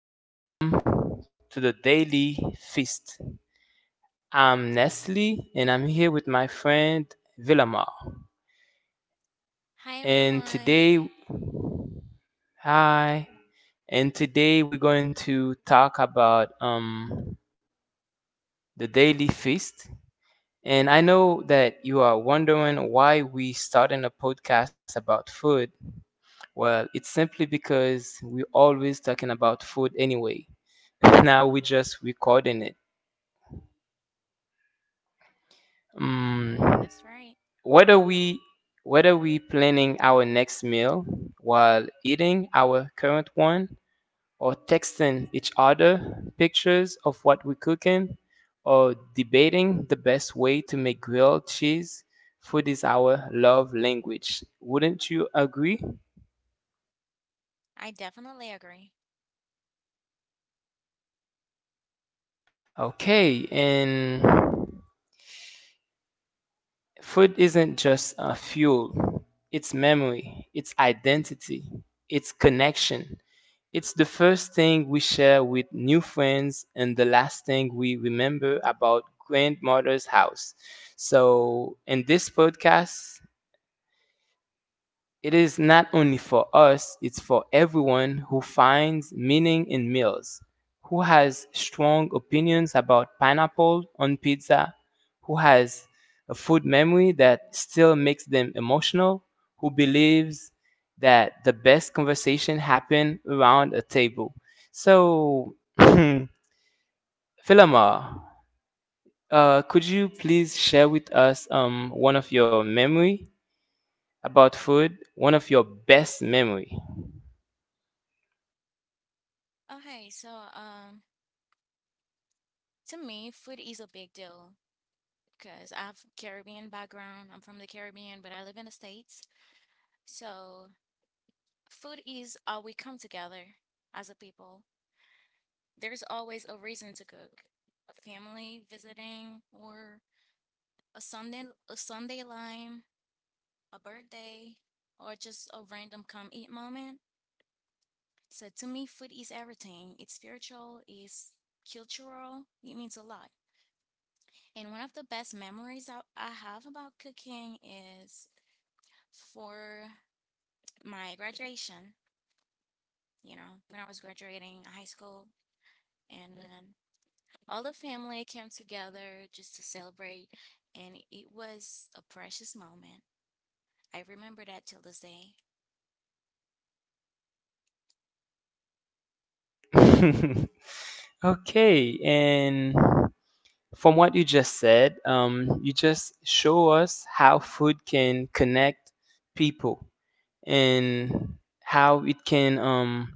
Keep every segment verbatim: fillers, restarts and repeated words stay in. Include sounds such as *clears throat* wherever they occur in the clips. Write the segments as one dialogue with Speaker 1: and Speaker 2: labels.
Speaker 1: Welcome to the Daily Feast. I'm Nestle and I'm here with my friend Villamar.
Speaker 2: Hi
Speaker 1: And
Speaker 2: everyone.
Speaker 1: today, hi, and today we're going to talk about um, the Daily Feast. And I know that you are wondering why we starting a podcast about food. Well, it's simply because we're always talking about food anyway. *laughs* Now we're just recording it.
Speaker 2: Yeah,
Speaker 1: Mm,
Speaker 2: that's right.
Speaker 1: Whether we whether we planning our next meal while eating our current one or texting each other pictures of what we're cooking or debating the best way to make grilled cheese, food is our love language. Wouldn't you agree?
Speaker 2: I definitely agree.
Speaker 1: Okay, and food isn't just a fuel, it's memory, it's identity, it's connection. It's the first thing we share with new friends and the last thing we remember about grandmother's house. So, in this podcast, it is not only for us, it's for everyone who finds meaning in meals, who has strong opinions about pineapple on pizza, who has a food memory that still makes them emotional, who believes that the best conversation happen around a table. So, *laughs* *clears throat* Philomar, uh, could you please share with us um, one of your memory about food, one of your best memory?
Speaker 2: Okay, so um to me food is a big deal because I've Caribbean background. I'm from the Caribbean, but I live in the States. So food is how we come together as a people. There's always a reason to cook. A family visiting or a Sunday a Sunday lime, a birthday, or just a random come eat moment. So to me, food is everything. It's spiritual, it's cultural, it means a lot. And one of the best memories I, I have about cooking is for my graduation, you know, when I was graduating high school. And then all the family came together just to celebrate. And it was a precious moment. I remember that till this day.
Speaker 1: *laughs* Okay, and from what you just said, um, you just show us how food can connect people and how it can um,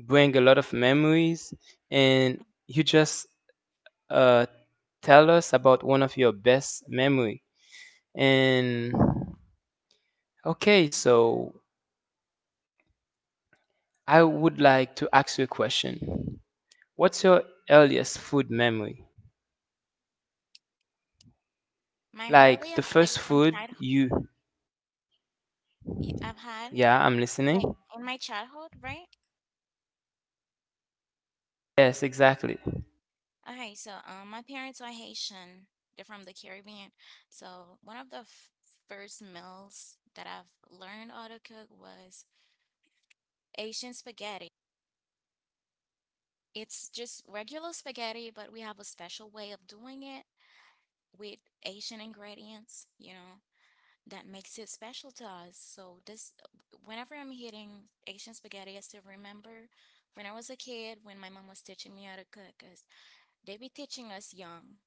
Speaker 1: bring a lot of memories. And you just uh, tell us about one of your best memory. And okay, so I would like to ask you a question. What's your earliest food memory?
Speaker 2: My
Speaker 1: Like the
Speaker 2: earliest, like
Speaker 1: first
Speaker 2: from
Speaker 1: food
Speaker 2: childhood,
Speaker 1: you.
Speaker 2: y- I've had,
Speaker 1: Yeah, I'm listening.
Speaker 2: like in my childhood, right?
Speaker 1: Yes, exactly.
Speaker 2: Okay, so um, my parents are Haitian. They're from the Caribbean. So one of the f first meals that I've learned how to cook was Asian spaghetti. It's just regular spaghetti, but we have a special way of doing it with Asian ingredients, you know, that makes it special to us. So this, whenever I'm eating Asian spaghetti, I still remember when I was a kid when my mom was teaching me how to cook. 'Cause they be teaching us young.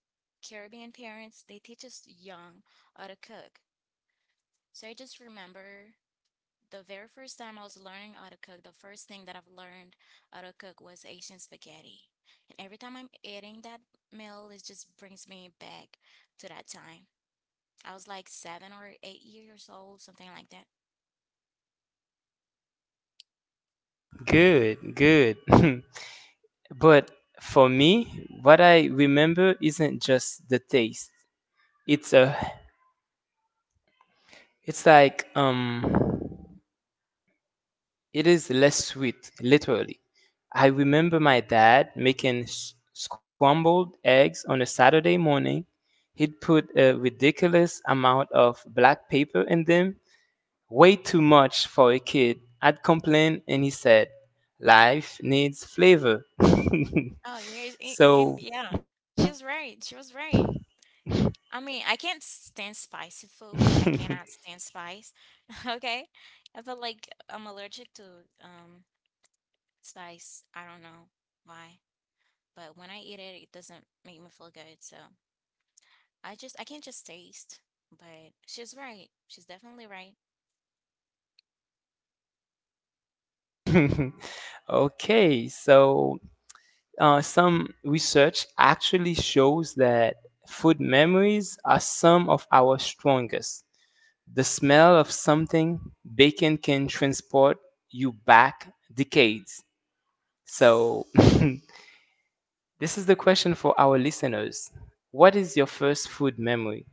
Speaker 2: Caribbean parents, they teach us young how to cook. So I just remember the very first time I was learning how to cook, the first thing that I've learned how to cook was Asian spaghetti. And every time I'm eating that meal, it just brings me back to that time. I was like seven or eight years old, something like that.
Speaker 1: Good, good. *laughs* But for me, what I remember isn't just the taste. It's a it's like, um it is less sweet, literally. I remember my dad making s- scrambled eggs on a Saturday morning. He'd put a ridiculous amount of black paper in them, way too much for a kid. I'd complain, and he said, "Life needs flavor."
Speaker 2: Oh, years,
Speaker 1: *laughs*
Speaker 2: and, and
Speaker 1: So,
Speaker 2: yeah, she was right. She was right. I mean, I can't stand spicy food. I cannot stand spice. Okay. I feel like I'm allergic to um spice. I don't know why, but when I eat it, it doesn't make me feel good. So I just I can't just taste. But she's right. She's definitely right.
Speaker 1: *laughs* okay, so, Uh, some research actually shows that food memories are some of our strongest. The smell of something bacon can transport you back decades. So, *laughs* this is the question for our listeners: What is your first food memory?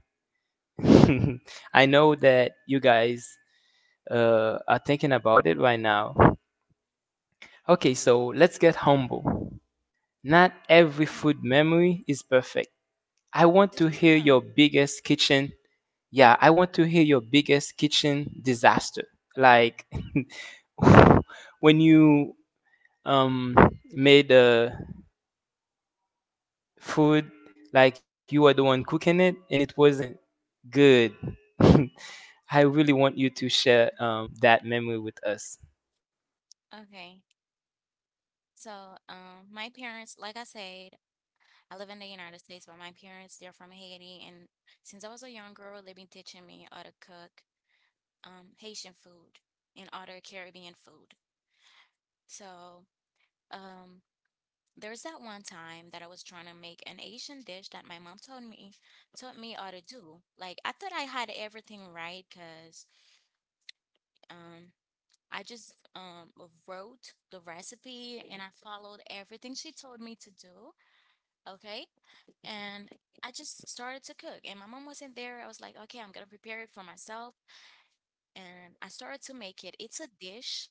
Speaker 1: *laughs* I know that you guys uh, are thinking about it right now. Okay, so let's get humble. Not every
Speaker 2: Mm.
Speaker 1: food memory is perfect. I want to
Speaker 2: That's true.
Speaker 1: hear your biggest kitchen. Yeah, I want to hear your biggest kitchen disaster. Like, *laughs* when you um made the food, like you were the one cooking it and it wasn't good. *laughs* I really want you to share um that memory with us.
Speaker 2: Okay. So um my parents, like I said, I live in the United States, but my parents, they're from Haiti, and since I was a young girl, they've been teaching me how to cook um Haitian food and other Caribbean food. So Um, there was that one time that I was trying to make an Asian dish that my mom told me taught me how to do. Like I thought I had everything right because um I just um wrote the recipe and I followed everything she told me to do. Okay. And I just started to cook and my mom wasn't there. I was like, okay, I'm gonna prepare it for myself. And I started to make it. It's a dish.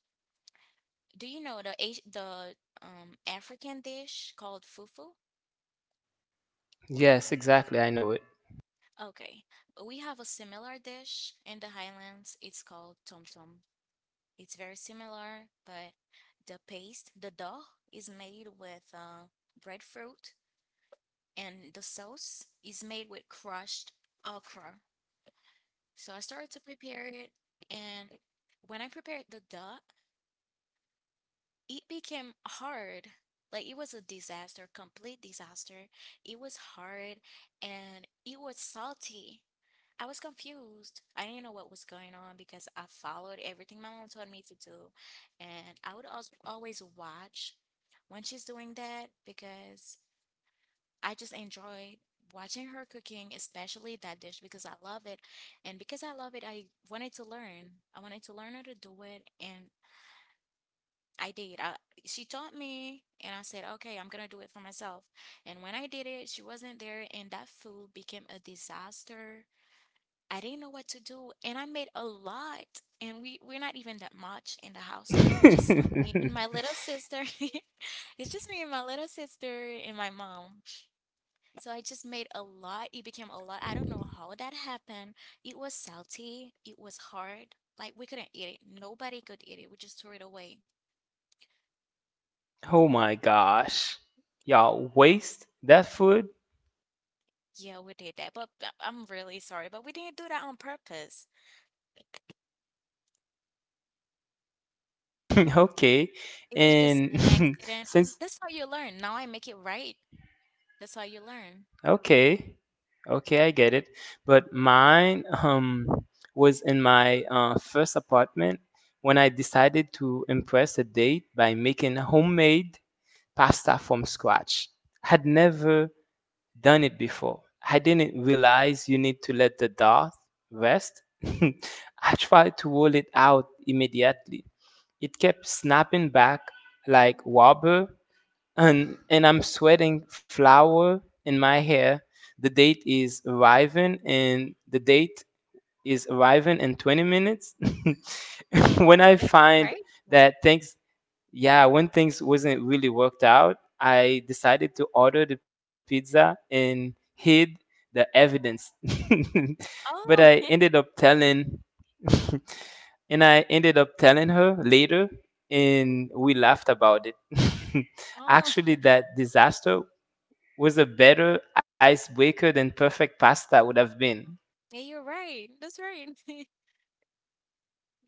Speaker 2: Do you know the Asi- the um African dish called fufu?
Speaker 1: Yes, exactly. I know it.
Speaker 2: Okay, we have a similar dish in the Highlands. It's called tom tom. It's very similar, but the paste, the dough, is made with uh, breadfruit, and the sauce is made with crushed okra. So I started to prepare it, and when I prepared the dough, it became hard. Like it was a disaster, complete disaster. It was hard and it was salty. I was confused. I didn't know what was going on because I followed everything my mom told me to do. And I would also always watch when she's doing that because I just enjoyed watching her cooking, especially that dish because I love it. And because I love it, I wanted to learn. I wanted to learn how to do it and I did. I, she taught me, and I said, okay, I'm gonna do it for myself. And when I did it, she wasn't there, and that food became a disaster. I didn't know what to do, and I made a lot. And we we're not even that much in the house. It's just me and my
Speaker 1: *laughs*
Speaker 2: little sister. *laughs* It's just me and my little sister and my mom. So I just made a lot. It became a lot. I don't know how that happened. It was salty. It was hard. Like we couldn't eat it. Nobody could eat it. We just threw it away.
Speaker 1: Oh my gosh. Y'all waste that food?
Speaker 2: Yeah, we did that, but uh, I'm really sorry, but we didn't do that on purpose.
Speaker 1: *laughs* Okay.
Speaker 2: It was just
Speaker 1: And
Speaker 2: an
Speaker 1: *laughs*
Speaker 2: accident, and
Speaker 1: since
Speaker 2: that's how you learn. Now I make it right. That's how you learn.
Speaker 1: okay, okay, I get it. But mine um was in my uh, first apartment when I decided to impress a date by making homemade pasta from scratch. Had never done it before. I didn't realize you need to let the dough rest. *laughs* I tried to roll it out immediately. It kept snapping back like rubber, and and I'm sweating flour in my hair. The date is arriving, and the date is arriving in twenty minutes. *laughs* when
Speaker 2: Oh,
Speaker 1: I
Speaker 2: that's
Speaker 1: find
Speaker 2: right.
Speaker 1: that thanks yeah, when things wasn't really worked out, I decided to order the pizza and hid the evidence. *laughs* But I
Speaker 2: Oh,
Speaker 1: ended up
Speaker 2: *laughs*
Speaker 1: telling. *laughs* And I ended up telling her later and we laughed about it. *laughs*
Speaker 2: oh,
Speaker 1: Actually, that disaster was a better icebreaker than perfect pasta would have been.
Speaker 2: *laughs* yeah, you're right. That's right. *laughs*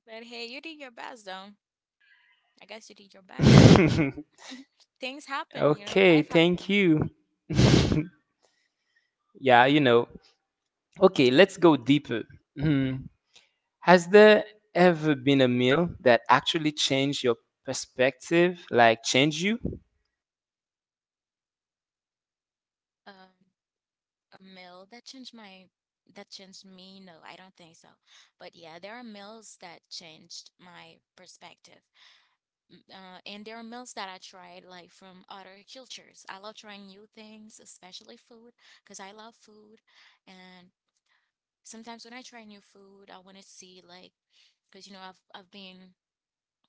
Speaker 2: But hey, you did your best, though. I guess you did your best.
Speaker 1: *laughs*
Speaker 2: *laughs* Things happen, you know,
Speaker 1: Okay,
Speaker 2: life happens.
Speaker 1: thank you. *laughs* Yeah, you know. Okay, let's go deeper. Hmm. Has there ever been a meal that actually changed your perspective, like changed you?
Speaker 2: Um, a meal that changed my that changed me? No, I don't think so. But yeah, there are meals that changed my perspective. Uh, and there are meals that I tried like from other cultures. I love trying new things, especially food, because I love food. And sometimes when I try new food, I want to see like, because you know I've I've been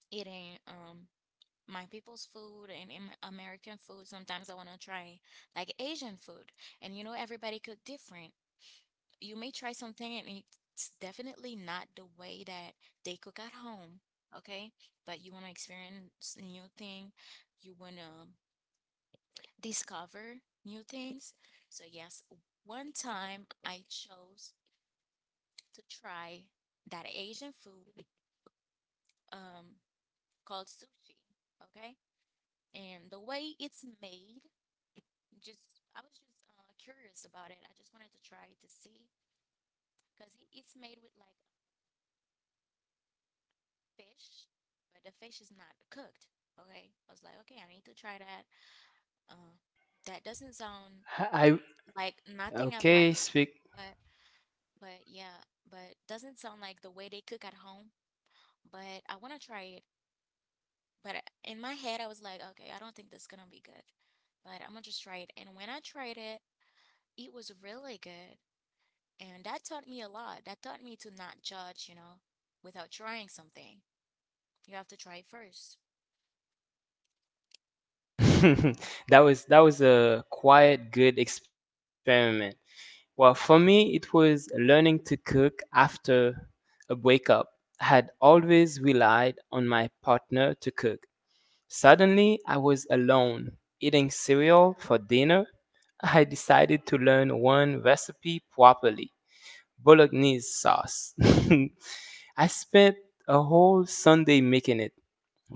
Speaker 2: eating um my people's food and Am- American food. Sometimes I want to try like Asian food, and you know everybody cook different you may try something and it's definitely not the way that they cook at home, okay? But you want to experience new thing, you want to discover new things. So yes, one time I chose to try that Asian food um called sushi, okay? And the way it's made, just I was just uh, curious about it. I just wanted to try to see because it's made with like fish, but the fish is not cooked. Okay, I was like, okay, I need to try that. Uh, that doesn't sound
Speaker 1: I
Speaker 2: like nothing I've had before,
Speaker 1: Okay, speak.
Speaker 2: but but yeah, but doesn't sound like the way they cook at home. But I want to try it. But in my head, I was like, okay, I don't think that's gonna be good, but I'm gonna just try it. And when I tried it, it was really good, and that taught me a lot. That taught me to not judge, you know, without trying something. You have to try it first.
Speaker 1: *laughs* That was, that was a quiet good experiment. Well, for me it was learning to cook after a breakup. I had always relied on my partner to cook. Suddenly I was alone, eating cereal for dinner. I decided to learn one recipe properly. Bolognese sauce. *laughs* I spent a whole Sunday making it.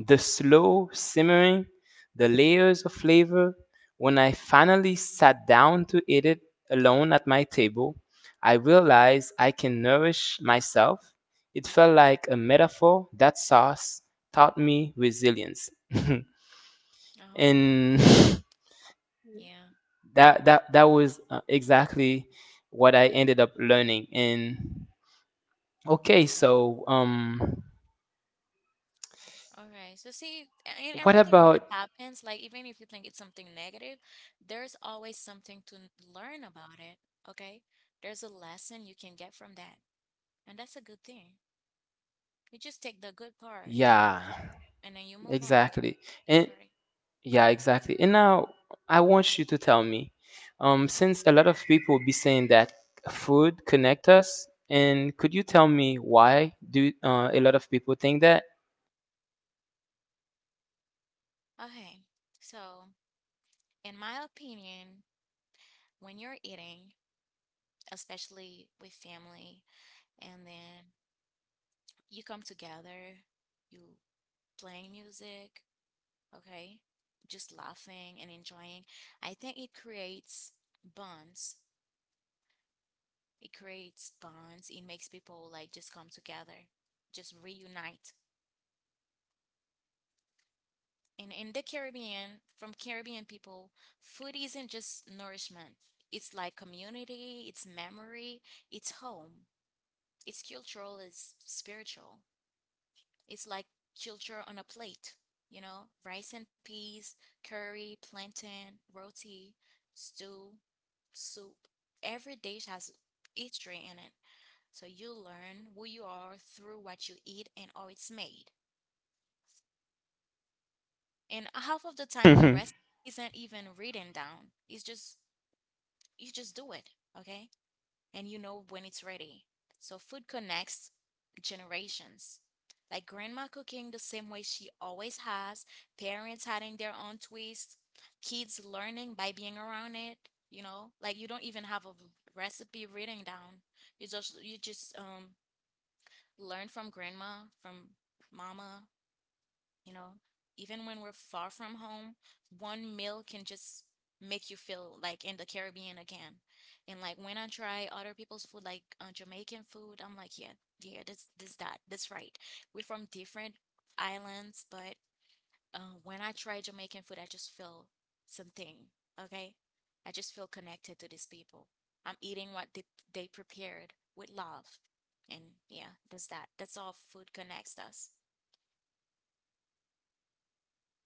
Speaker 1: The slow simmering, the layers of flavor. When I finally sat down to eat it alone at my table, I realized I can nourish myself. It felt like a metaphor, that sauce taught me resilience.
Speaker 2: Oh,
Speaker 1: *laughs* And
Speaker 2: yeah.
Speaker 1: *laughs* that that that was uh, exactly what I ended up learning. And okay, so, um
Speaker 2: All right, so see, a- in
Speaker 1: what
Speaker 2: everything that
Speaker 1: about.
Speaker 2: happens, like even if you think it's something negative, there's always something to n- learn about it, okay? There's a lesson you can get from that, and that's a good thing. You just take the good part
Speaker 1: Yeah,
Speaker 2: and then you move on.
Speaker 1: exactly.
Speaker 2: That's
Speaker 1: And
Speaker 2: right.
Speaker 1: yeah, exactly. And now I want you to tell me, um since a lot of people be saying that food connect us, and could you tell me why do uh, a lot of people think that?
Speaker 2: Okay, so in my opinion, when you're eating, especially with family, and then you come together, you playing music, okay? Just laughing and enjoying. I think it creates bonds. It creates bonds. It makes people like just come together, just reunite. And in the Caribbean, from Caribbean people, food isn't just nourishment. It's like community, it's memory, it's home, it's cultural, it's spiritual. It's like culture on a plate, you know, rice and peas, curry, plantain, roti, stew, soup. Every dish has history in it. So you learn who you are through what you eat and how it's made. And half of the time the rest
Speaker 1: *laughs*
Speaker 2: isn't even written down. It's just you just do it, okay? And you know when it's ready. So food connects generations. Like grandma cooking the same way she always has, parents adding their own twist, kids learning by being around it, you know? Like you don't even have a recipe written down. You just you just um learn from grandma, from mama, you know, even when we're far from home, one meal can just make you feel like in the Caribbean again. And like when I try other people's food, like uh, Jamaican food, I'm like, yeah, yeah, this, this, that, that's right. We're from different islands, but uh, when I try Jamaican food, I just feel something. Okay, I just feel connected to these people. I'm eating what they they prepared with love, and yeah, that's that. That's all food connects us.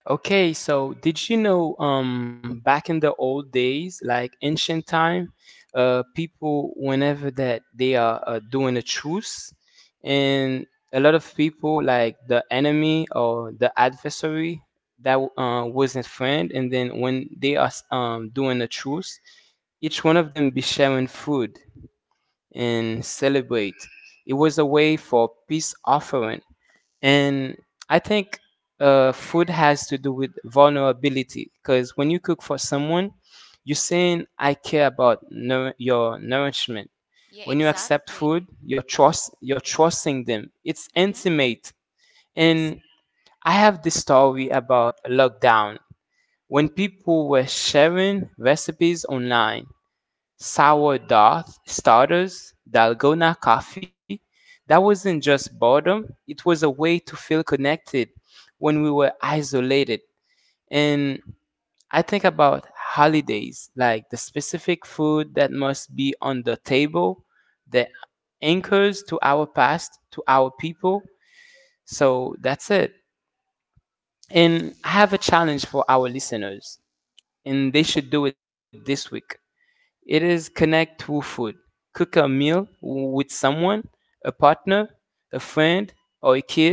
Speaker 1: Okay, so did you know um back in the old days, like ancient time, uh people whenever that they are uh, doing a truce, and a lot of people, like the enemy or the adversary that uh, was a friend, and then when they are um doing a truce, each one of them be sharing food and celebrate. It was a way for peace offering. And I think uh, food has to do with vulnerability, because when you cook for someone, you're saying, I care about nour- your nourishment.
Speaker 2: Yeah,
Speaker 1: When you accept food,
Speaker 2: exactly.
Speaker 1: you're, trust- you're
Speaker 2: Exactly.
Speaker 1: trusting them. It's
Speaker 2: Mm-hmm.
Speaker 1: intimate.
Speaker 2: Yes.
Speaker 1: And I have this story about lockdown when people were sharing recipes online: sourdough starters, dalgona coffee. That wasn't just boredom, it was a way to feel connected when we were isolated. And I think about holidays, like the specific food that must be on the table, the anchors to our past, to our people. So that's it. And I have a challenge for our listeners, and they should do it this week. It is: connect through food. Cook a meal with someone, a partner, a friend, or a kid,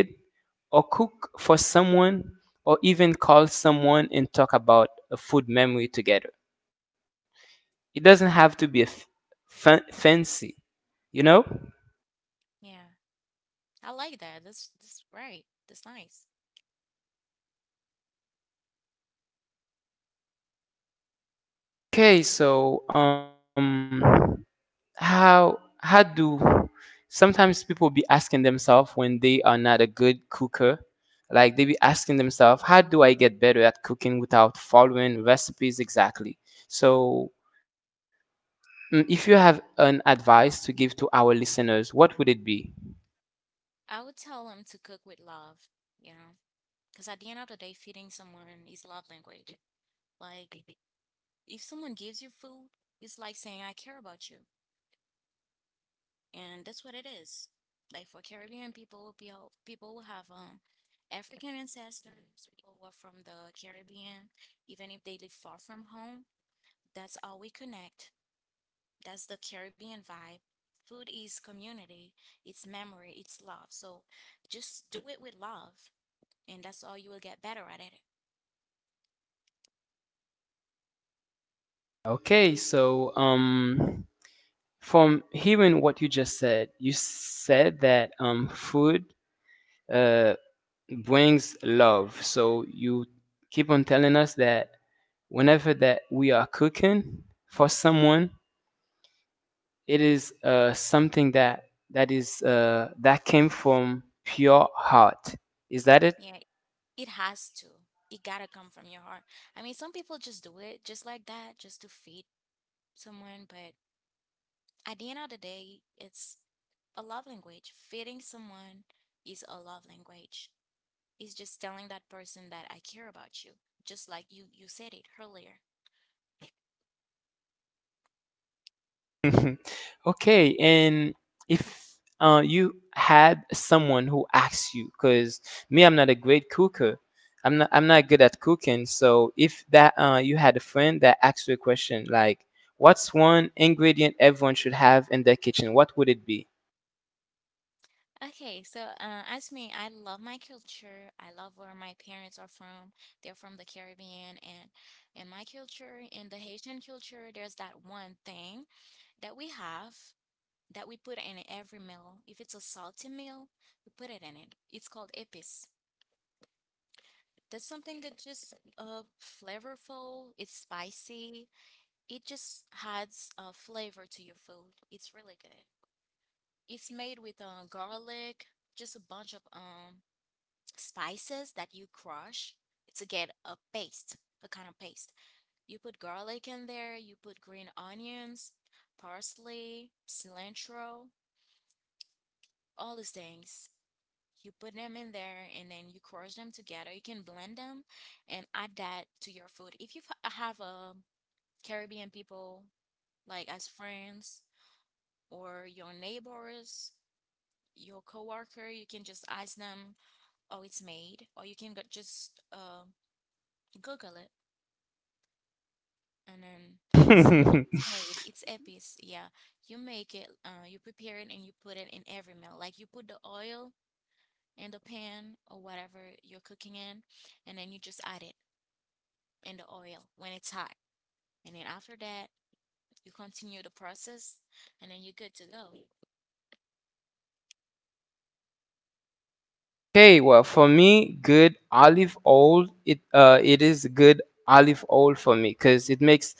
Speaker 1: or cook for someone, or even call someone and talk about a food memory together. It doesn't have to be a f- fan- fancy, you know?
Speaker 2: Yeah. I like that. That's that's right. That's nice.
Speaker 1: Okay, so, um, how how do sometimes people be asking themselves when they are not a good cooker, like they be asking themselves, how do I get better at cooking without following recipes exactly? So, mm, if you have an advice to give to our listeners, what would it be?
Speaker 2: I would tell him to cook with love, you know, because at the end of the day, feeding someone is love language. Like, if someone gives you food, it's like saying, I care about you. And that's what it is. Like, for Caribbean people, people people who have um, African ancestors, people who are from the Caribbean, even if they live far from home, that's how we connect. That's the Caribbean vibe. Food is community, it's memory, it's love. So just do it with love, and that's all you will get better at it.
Speaker 1: Okay, so, um, from hearing what you just said, you said that um, food uh brings love. So you keep on telling us that whenever that we are cooking for someone, it is uh, something that that is uh, that came from pure heart. Is that it?
Speaker 2: Yeah, it has to. It gotta come from your heart. I mean, some people just do it just like that, just to feed someone, but at the end of the day, it's a love language. Feeding someone is a love language. It's just telling that person that I care about you, just like you you said it earlier.
Speaker 1: *laughs* Okay, and if uh, you had someone who asks you, because me, I'm not a great cooker. I'm not. I'm not good at cooking. So, if that, uh, you had a friend that asked you a question like, "What's one ingredient everyone should have in their kitchen? What would it be?"
Speaker 2: Okay, so uh, as me, I love my culture. I love where my parents are from. They're from the Caribbean, and in my culture, in the Haitian culture, there's that one thing that we have that we put in every meal. If it's a salty meal, we put it in it. It's called épices. That's something that just uh flavorful. It's spicy. It just adds a flavor to your food. It's really good. It's made with uh, garlic, just a bunch of um spices that you crush to get a paste, a kind of paste. You put garlic in there, you put green onions, parsley, cilantro, all these things. You put them in there and then you crush them together. You can blend them and add that to your food. If you have a Caribbean people like as friends or your neighbors, your coworker, you can just ask them how it's made, or you can go- just uh, Google it and then you'll see how it's
Speaker 1: *laughs*
Speaker 2: made. It's epic. Yeah. You make it, uh, you prepare it and you put it in every meal. Like you put the oil in the pan or whatever you're cooking in, and then you just add it in the oil when it's hot. And then after that, you continue the process and then you're good to go.
Speaker 1: Okay, well, for me, good olive oil. It uh, it is good olive oil for me because it makes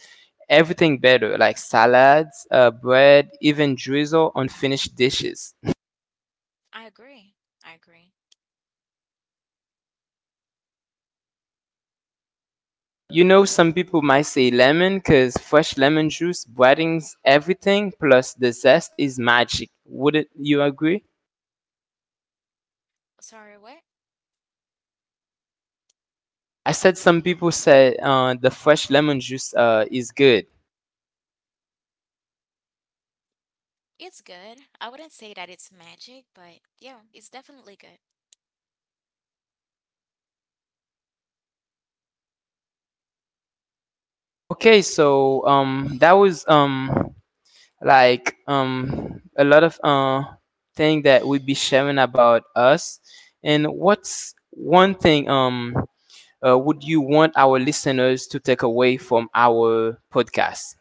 Speaker 1: everything better, like salads, uh, bread, even drizzle on finished dishes.
Speaker 2: I agree. I agree.
Speaker 1: You know, some people might say lemon because fresh lemon juice brightens everything. Plus, the zest is magic. Wouldn't you agree?
Speaker 2: Sorry, what?
Speaker 1: I said some people said uh, the fresh lemon juice uh, is good.
Speaker 2: It's good. I wouldn't say that it's magic, but yeah, it's definitely good.
Speaker 1: Okay, so, um, that was, um like, um a lot of uh thing that we be sharing about us, and what's one thing, um uh, would you want our listeners to take away from our podcast?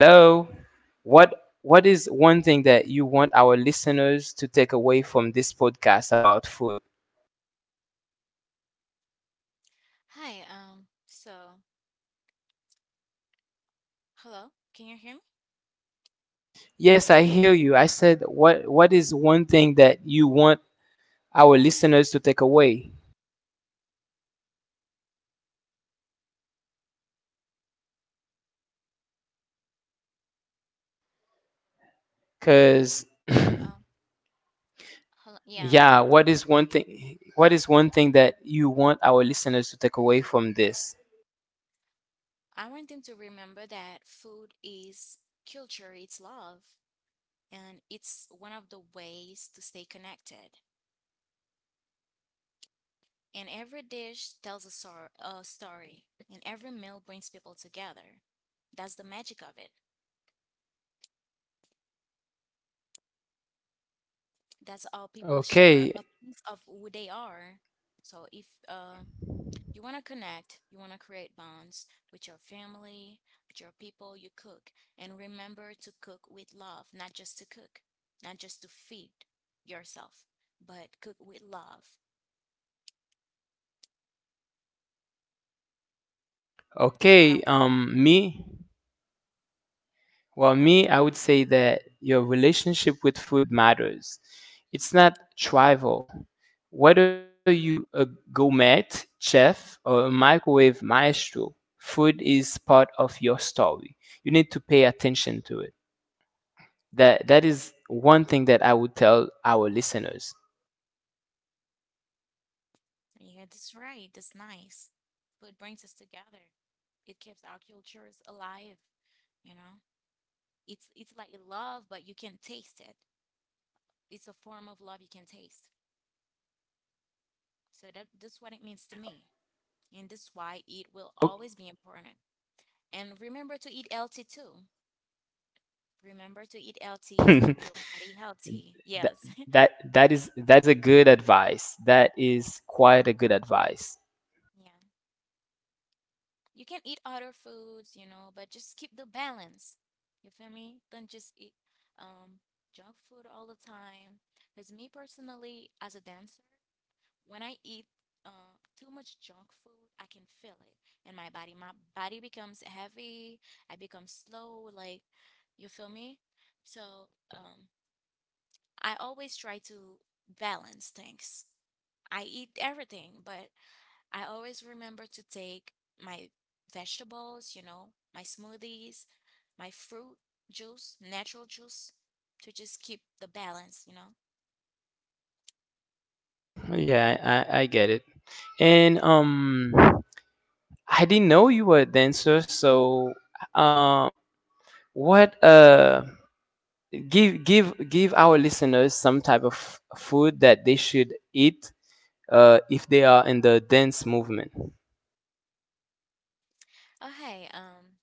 Speaker 1: Hello? What what is one thing that you want our listeners to take away from this podcast about food?
Speaker 2: Hi, um, so hello, can you hear me?
Speaker 1: Yes, I hear you. I said, what what is one thing that you want our listeners to take away, because *laughs* *clears throat*
Speaker 2: Um, hello, yeah,
Speaker 1: Yeah, what is one thing what is one thing that you want our listeners to take away from this?
Speaker 2: I want them to remember that food is culture, it's love, and it's one of the ways to stay connected. And every dish tells a, sor- a story, and every meal brings people together. That's the magic of it. That's how people share
Speaker 1: Okay.
Speaker 2: a piece of who they are. So if uh, you want to connect, you want to create bonds with your family, with your people you cook, and remember to cook with love, not just to cook, not just to feed yourself, but cook with love. That's what I
Speaker 1: Okay,
Speaker 2: want them.
Speaker 1: um me, well, me, I would say that your relationship with food matters. It's not trivial. Whether you a gourmet chef or a microwave maestro, food is part of your story. You need to pay attention to it. That that is one thing that I would tell our listeners.
Speaker 2: Yeah, that's right. That's nice. Food brings us together. It keeps our cultures alive, you know? It's it's like love, but you can taste it. It's a form of love you can taste. So that that's what it means to me. And that's why it will always be important. And remember to eat healthy too. Remember to eat healthy to keep your
Speaker 1: *laughs*
Speaker 2: body healthy.
Speaker 1: that
Speaker 2: Yes. *laughs*
Speaker 1: that that is that is a good advice. That
Speaker 2: Yeah.
Speaker 1: is quite a good advice.
Speaker 2: Yeah. You can eat other foods, you know, but just keep the balance. You feel me? Don't just eat um junk food all the time. Because me personally, as a dancer, when I eat uh, too much junk food, I can feel it in my body. My body becomes heavy. I become slow. Like, you feel me? So, um, I always try to balance things. I eat everything, but I always remember to take my vegetables, you know, my smoothies, my fruit juice, natural juice to just keep the balance, you know.
Speaker 1: Yeah, I, I get it. And um, I didn't know you were a dancer. So, um, what uh, give give give our listeners some type of f- food that they should eat uh, if they are in the dance movement.
Speaker 2: Oh, hey, um,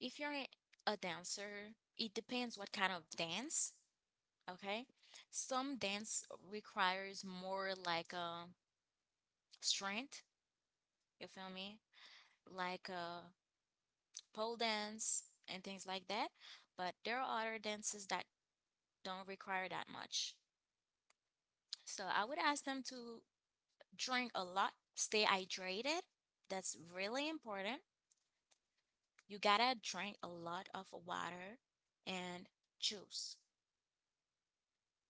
Speaker 2: if you're a a dancer, it depends what kind of dance, okay? Some dance requires more like a strength, you feel me? Like a pole dance and things like that. But there are other dances that don't require that much. So I would ask them to drink a lot, stay hydrated. That's really important. You gotta drink a lot of water and juice,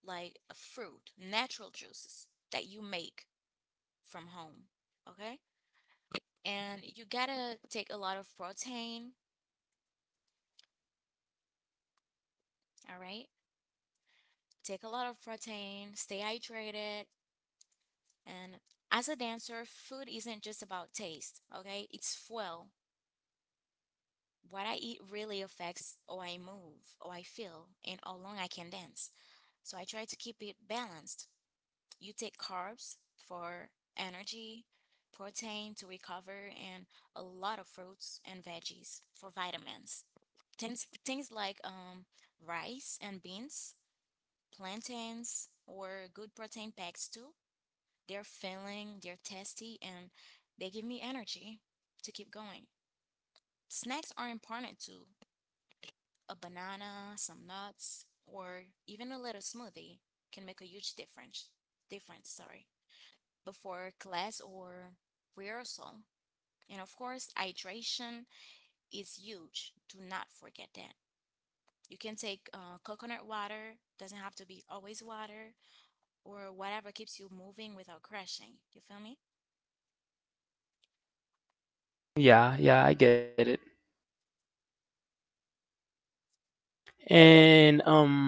Speaker 2: like fruit, natural juices that you make from home. Okay. And you gotta take a lot of protein. All right. Take a lot of protein, stay hydrated, and as a dancer, food isn't just about taste, okay? It's fuel. What I eat really affects how I move, how I feel, and how long I can dance. So I try to keep it balanced. You take carbs for energy, protein to recover, and a lot of fruits and veggies for vitamins. Things, things like um, rice and beans, plantains, or good protein packs too they're feeling, they're testy, and they give me energy to keep going. Snacks are important too. A banana, some nuts, or even a little smoothie can make a huge difference. Difference, sorry. Before class or rehearsal. And of course, hydration is huge. Do not forget that. You can take uh, coconut water, doesn't have to be always water, or whatever keeps you moving without crashing. You feel me?
Speaker 1: Yeah, yeah, I get it. And um,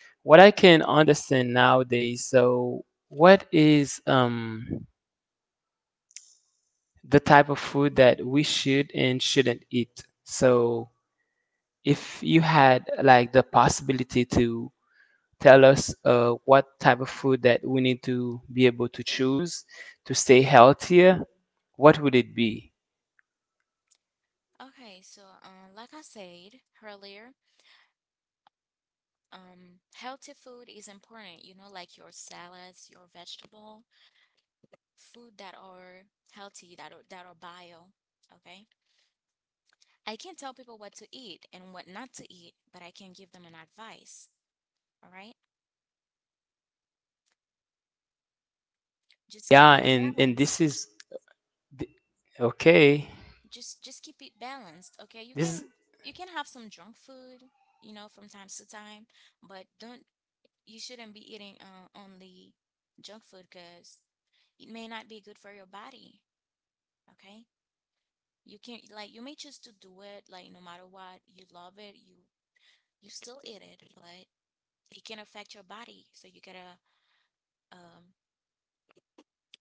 Speaker 1: what I can understand nowadays, so what is um the type of food that we should and shouldn't eat. So, if you had like the possibility to tell us uh, what type of food that we need to be able to choose to stay healthier, what would it be?
Speaker 2: Okay, so uh, like I said earlier, um, healthy food is important, you know, like your salads, your vegetable, food that are healthy, that are, that are bio, okay? I can't tell people what to eat and what not to eat, but I can give them an advice, all right? Just
Speaker 1: Yeah,
Speaker 2: keep it
Speaker 1: and and
Speaker 2: balanced.
Speaker 1: this is th- okay.
Speaker 2: Just just keep it balanced, okay? You
Speaker 1: This
Speaker 2: can you can have some junk food, you know, from time to time, but don't you shouldn't be eating uh, only junk food because it may not be good for your body. Okay. You can't like you may choose to do it like no matter what, you love it, you you still eat it, but it can affect your body. So you gotta um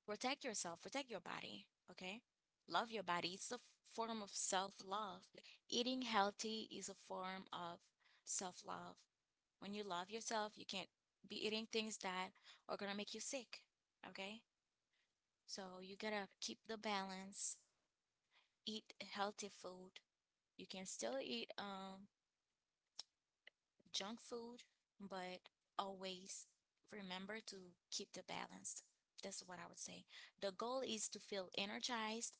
Speaker 2: protect yourself, protect your body, okay? Love your body. It's a f- form of self-love. Eating healthy is a form of self-love. When you love yourself, you can't be eating things that are gonna make you sick, okay? So you gotta keep the balance, eat healthy food. You can still eat um junk food, but always remember to keep the balance. That's what I would say. The goal is to feel energized,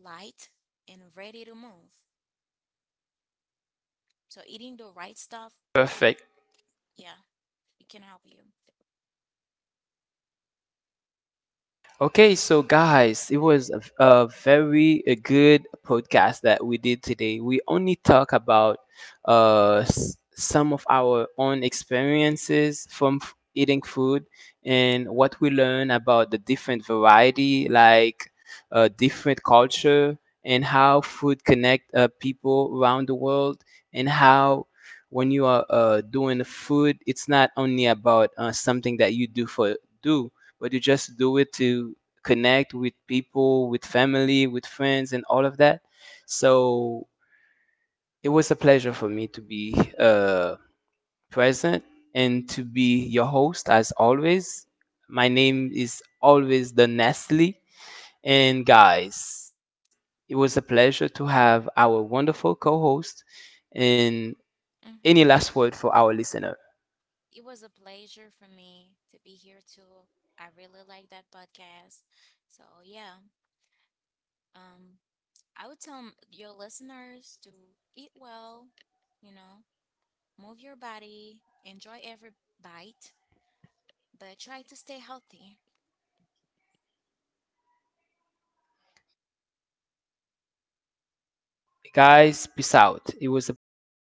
Speaker 2: light, and ready to move. So eating the right stuff, it-
Speaker 1: perfect.
Speaker 2: yeah, it can help you.
Speaker 1: Okay, so guys, it was a, a very a good podcast that we did today. We only talk about uh, s- some of our own experiences from f- eating food, and what we learn about the different variety, like, uh, different culture, and how food connect uh, people around the world, and how when you are uh, doing food, it's not only about uh, something that you do for do but you just do it to connect with people, with family, with friends, and all of that. So it was a pleasure for me to be uh, present and to be your host as always. My name is always the Nestle. And guys, it was a pleasure to have our wonderful co host. And
Speaker 2: Mm-hmm.
Speaker 1: any
Speaker 2: It was
Speaker 1: last word for
Speaker 2: like
Speaker 1: our listeners?
Speaker 2: it was a pleasure for me to be here too. I really like that podcast. So yeah, um, I would tell m- your listeners to eat well, you know, move your body, enjoy every bite, but try to stay healthy. It would.
Speaker 1: Guys, peace out. It was a pleasure.